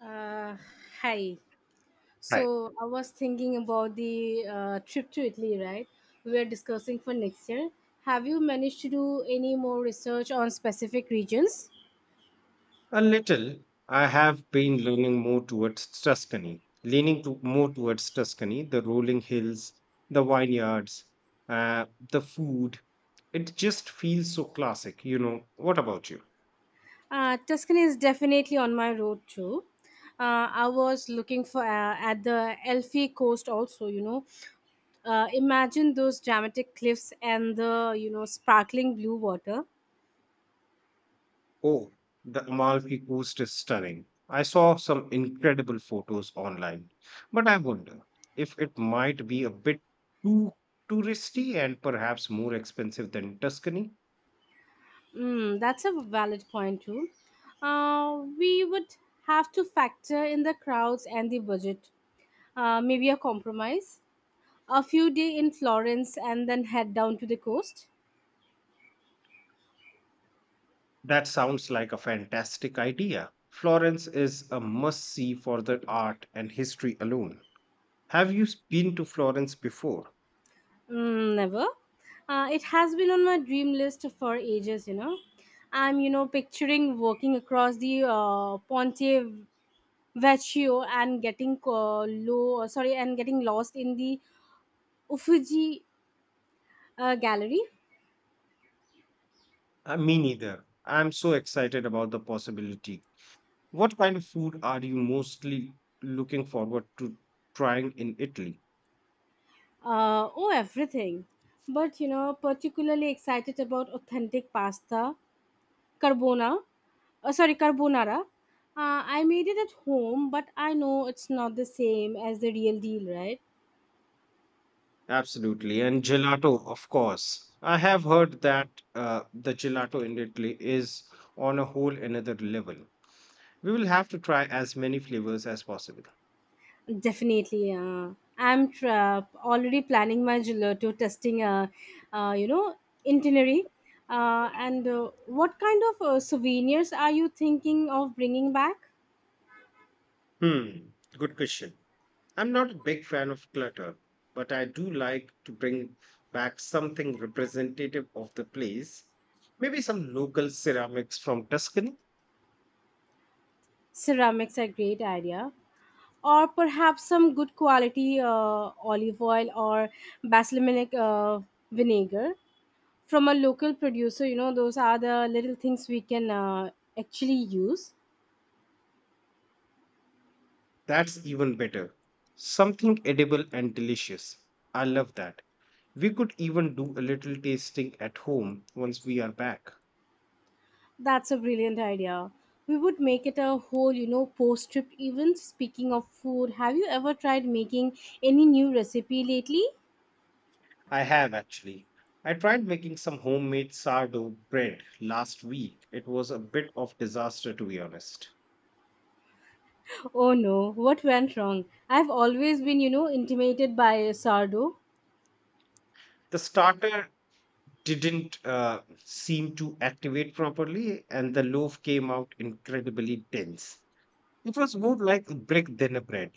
Uh, Hi. Right. So I was thinking about the trip to Italy, right? We were discussing for next year. Have you managed to do any more research on specific regions? A little. I have been leaning more towards Tuscany, leaning to, more towards Tuscany, the rolling hills, the vineyards, the food. It just feels so classic, What about you? Tuscany is definitely on my road too. I was looking for at the Elfi coast also. Imagine those dramatic cliffs and the sparkling blue water. Oh, the Amalfi Coast is stunning. I saw some incredible photos online, but I wonder if it might be a bit too touristy and perhaps more expensive than Tuscany. Mm, that's a valid point too. We would have to factor in the crowds and the budget. Maybe a compromise. A few day in Florence and then head down to the coast. That sounds like a fantastic idea. Florence is a must see for the art and history alone. Have you been to Florence before? Mm, never. It has been on my dream list for ages. I'm picturing walking across the Ponte Vecchio and getting lost in the Uffizi Gallery. Me neither. I'm so excited about the possibility. What kind of food are you mostly looking forward to trying in Italy? Oh, everything. But particularly excited about authentic pasta, carbona. Carbonara. I made it at home, but I know it's not the same as the real deal, right? Absolutely. And gelato, of course. I have heard that the gelato in Italy is on a whole another level. We will have to try as many flavors as possible. Definitely. I'm already planning my gelato testing uh, you know, itinerary. And what kind of souvenirs are you thinking of bringing back? Hmm, good question. I'm not a big fan of clutter, but I do like to bring back something representative of the place. Maybe some local ceramics from Tuscany. Ceramics are great idea, or perhaps some good quality olive oil or balsamic vinegar from a local producer. You know, those are the little things we can actually use. That's even better. Something edible and delicious. I love that. We could even do a little tasting at home once we are back. That's a brilliant idea. We would make it a whole post trip event. Speaking of food, have you ever tried making any new recipe lately? I have actually. I tried making some homemade sourdough bread last week. It was a bit of disaster to be honest. Oh no, what went wrong? I've always been intimidated by sourdough. The starter didn't seem to activate properly and the loaf came out incredibly dense. It was more like a brick than a bread.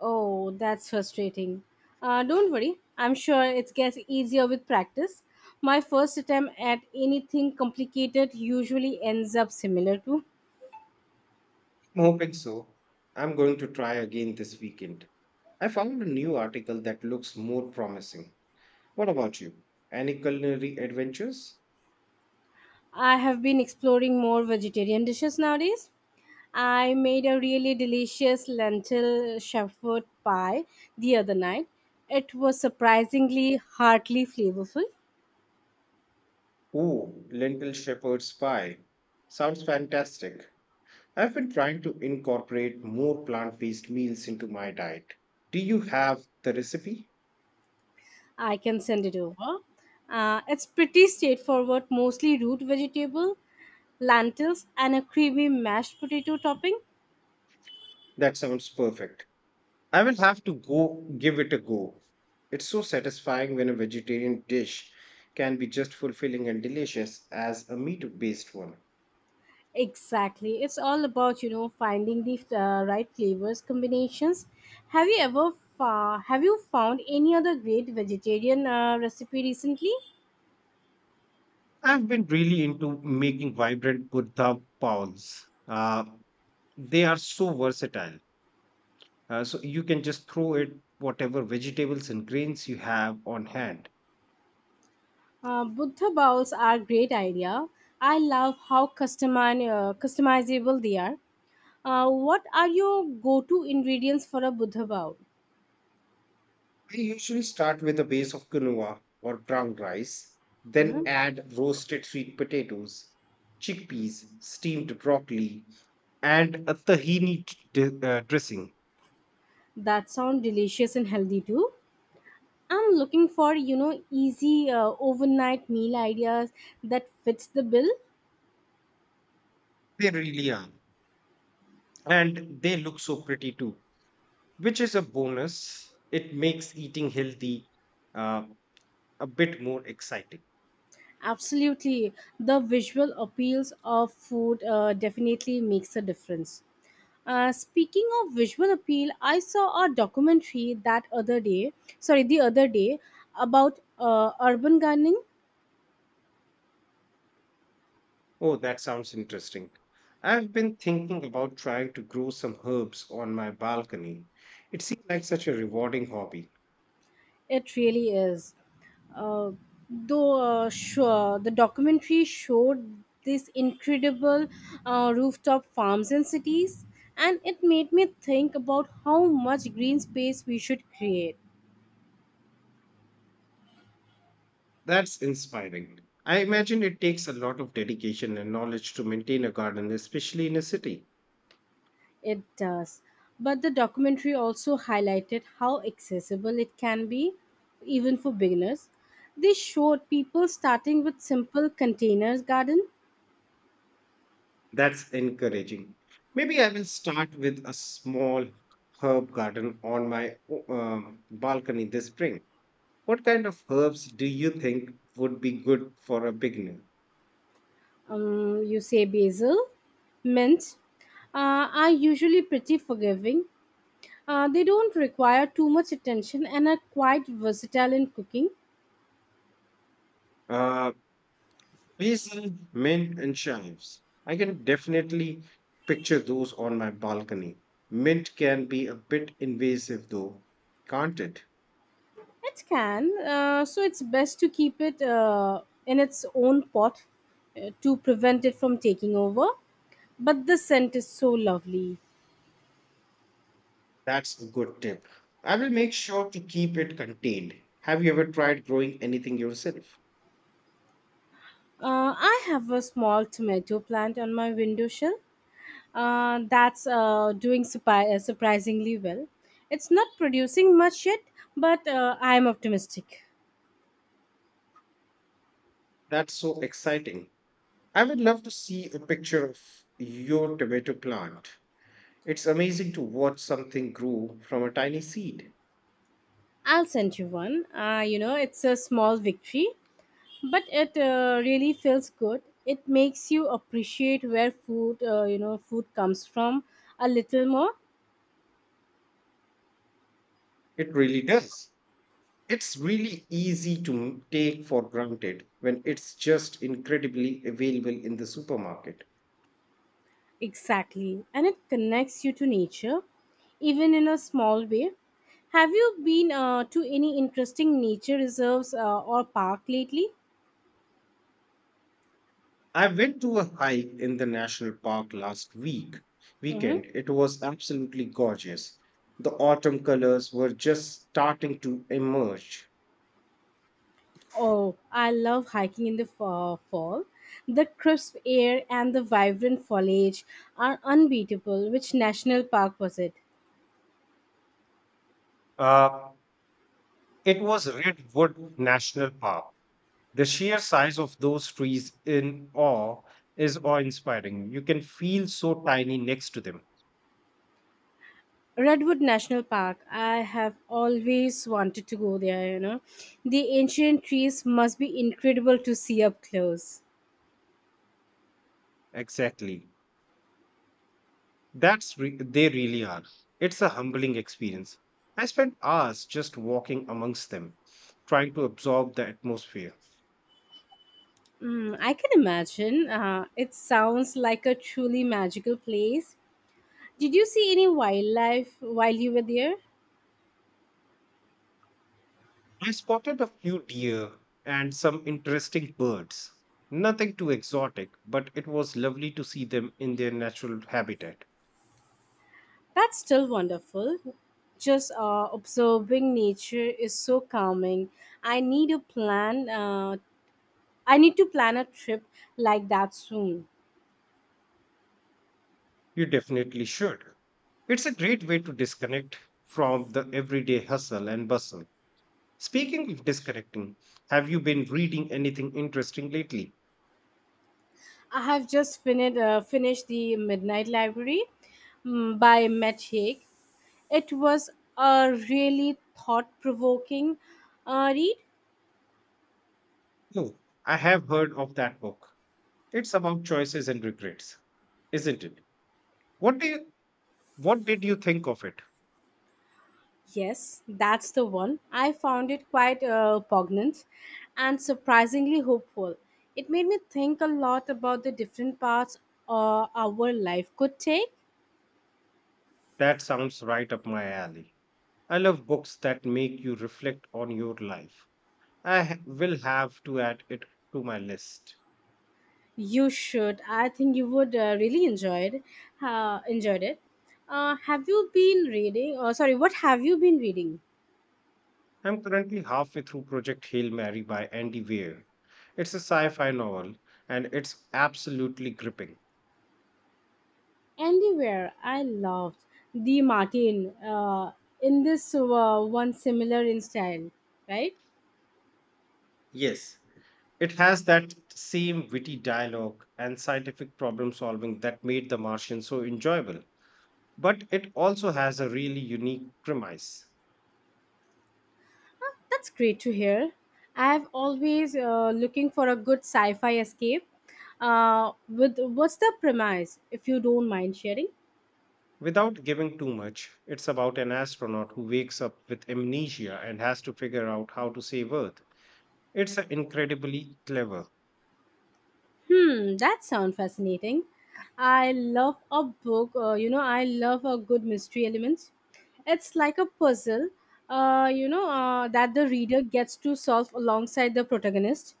Oh, that's frustrating. Don't worry, I'm sure it gets easier with practice. My first attempt at anything complicated usually ends up similar to. I'm hoping so. I'm going to try again this weekend. I found a new article that looks more promising. What about you? Any culinary adventures? I have been exploring more vegetarian dishes nowadays. I made a really delicious lentil shepherd pie the other night. It was surprisingly heartily flavorful. Ooh, lentil shepherd's pie. Sounds fantastic. I've been trying to incorporate more plant based meals into my diet. Do you have the recipe? I can send it over. It's pretty straightforward, mostly root vegetable, lentils and a creamy mashed potato topping. That sounds perfect. I will have to go give it a go. It's so satisfying when a vegetarian dish can be just fulfilling and delicious as a meat based one. Exactly, it's all about finding the right flavors combinations. Have you ever have you found any other great vegetarian recipe recently? I've been really into making vibrant kurta powls. They are so versatile. So you can just throw it whatever vegetables and grains you have on hand. Buddha bowls are great idea. I love how customizable they are. What are your go-to ingredients for a buddha bowl? I usually start with a base of quinoa or brown rice, then Hmm. add roasted sweet potatoes, chickpeas, steamed broccoli, and a tahini dressing. That sound delicious and healthy too. I'm looking for, easy overnight meal ideas that fits the bill. They really are. And they look so pretty too, which is a bonus. It makes eating healthy uh, a bit more exciting. Absolutely. The visual appeals of food definitely makes a difference. Speaking of visual appeal, I saw a documentary that other day, sorry, the other day about urban gardening. Oh, that sounds interesting. I've been thinking about trying to grow some herbs on my balcony. It seems like such a rewarding hobby. It really is. uh, the documentary showed these incredible rooftop farms in cities, and it made me think about how much green space we should create. That's inspiring. I imagine it takes a lot of dedication and knowledge to maintain a garden, especially in a city. It does, but the documentary also highlighted how accessible it can be, even for beginners. They showed people starting with simple containers garden. That's encouraging. Maybe I will start with a small herb garden on my balcony this spring. What kind of herbs do you think would be good for a beginner? You say basil, mint are usually pretty forgiving. They don't require too much attention and are quite versatile in cooking. Uh, Basil, mint, and chives. I can definitely picture those on my balcony. Mint can be a bit invasive though, can't it? It can, so it's best to keep it in its own pot to prevent it from taking over. But the scent is so lovely. That's a good tip. I will make sure to keep it contained. Have you ever tried growing anything yourself? I have a small tomato plant on my windowsill. Sill that's doing surprisingly well. It's not producing much yet, but I'm optimistic. That's so exciting. I would love to see a picture of your tomato plant. It's amazing to watch something grow from a tiny seed. I'll send you one. It's a small victory, but it really feels good. It makes you appreciate where food you know food comes from a little more. It really does. It's really easy to take for granted when it's just incredibly available in the supermarket. Exactly, and it connects you to nature, even in a small way. Have you been to any interesting nature reserves or park lately? I went to a hike in the national park last week Hmm. weekend. It was absolutely gorgeous. The autumn colors were just starting to emerge. Oh, I love hiking in the fall. The crisp air and the vibrant foliage are unbeatable. Which national park was it? Uh, It was Redwood National Park. The sheer size of those trees in awe is awe inspiring. You can feel so tiny next to them. Redwood National Park. I have always wanted to go there, The ancient trees must be incredible to see up close. Exactly. They really are. It's a humbling experience. I spent hours just walking amongst them, trying to absorb the atmosphere. Mm, I can imagine. It sounds like a truly magical place. Did you see any wildlife while you were there? I spotted a few deer and some interesting birds. Nothing too exotic, but it was lovely to see them in their natural habitat. That's still wonderful. Just observing nature is so calming. I need a plan. I need to plan a trip like that soon. You definitely should. It's a great way to disconnect from the everyday hustle and bustle. Speaking of disconnecting, have you been reading anything interesting lately? I have just finished The Midnight Library, mm, by Matt Haig. It was a really thought provoking read. No, I have heard of that book. It's about choices and regrets, isn't it? What do you, what did you think of it? Yes, that's the one. I found it quite poignant and surprisingly hopeful. It made me think a lot about the different paths our life could take. That sounds right up my alley. I love books that make you reflect on your life. Will have to add it to my list. You should. I think you would really enjoyed it. Have you been reading? Sorry, what have you been reading? I'm currently halfway through Project Hail Mary by Andy Weir. It's a sci-fi novel and it's absolutely gripping. Anywhere, I loved the Martin in this one similar in style, right? Yes, it has that same witty dialogue and scientific problem solving that made The Martian so enjoyable, but it also has a really unique premise. Huh, that's great to hear. I've always looking for a good sci-fi escape. With What's the premise, if you don't mind sharing? Without giving too much, it's about an astronaut who wakes up with amnesia and has to figure out how to save Earth. It's a incredibly clever. Hmm, that sounds fascinating. I love a book. I love a good mystery elements. It's like a puzzle. That the reader gets to solve alongside the protagonist.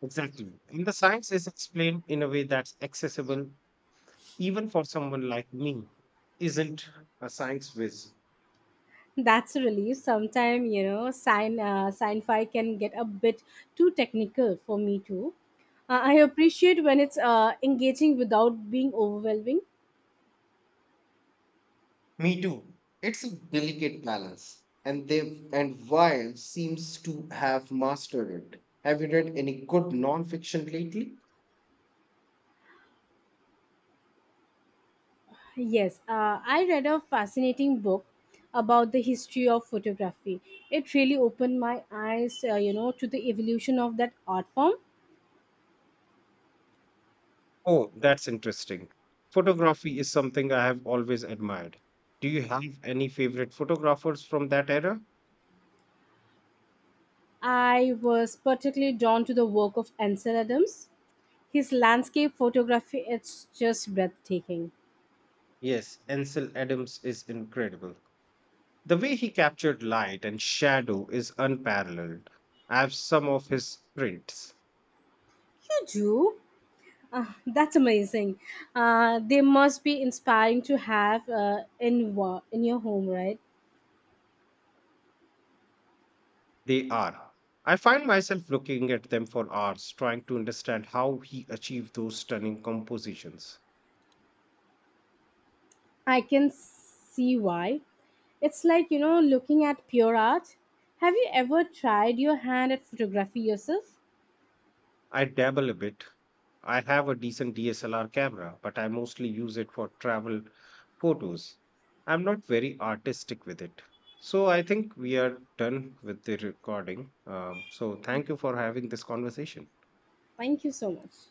Exactly. And the science is explained in a way that's accessible even for someone like me, who isn't a science whiz. That's a relief. Sometimes, you know, sign sci-fi can get a bit too technical for me too. I appreciate when it's engaging without being overwhelming. Me too. It's a delicate balance, and they and Weil seems to have mastered it. Have you read any good non-fiction lately? Yes, I read a fascinating book about the history of photography. It really opened my eyes, to the evolution of that art form. Oh, that's interesting. Photography is something I have always admired. Do you have any favorite photographers from that era? I was particularly drawn to the work of Ansel Adams. His landscape photography, it's just breathtaking. Yes, Ansel Adams is incredible. The way he captured light and shadow is unparalleled. I have some of his prints. You do? Ah, that's amazing. They must be inspiring to have in your home, right? They are. I find myself looking at them for hours, trying to understand how he achieved those stunning compositions. I can see why. It's like looking at pure art. Have you ever tried your hand at photography yourself? I dabble a bit. I have a decent DSLR camera, but I mostly use it for travel photos. I'm not very artistic with it. So I think we are done with the recording. So thank you for having this conversation. Thank you so much.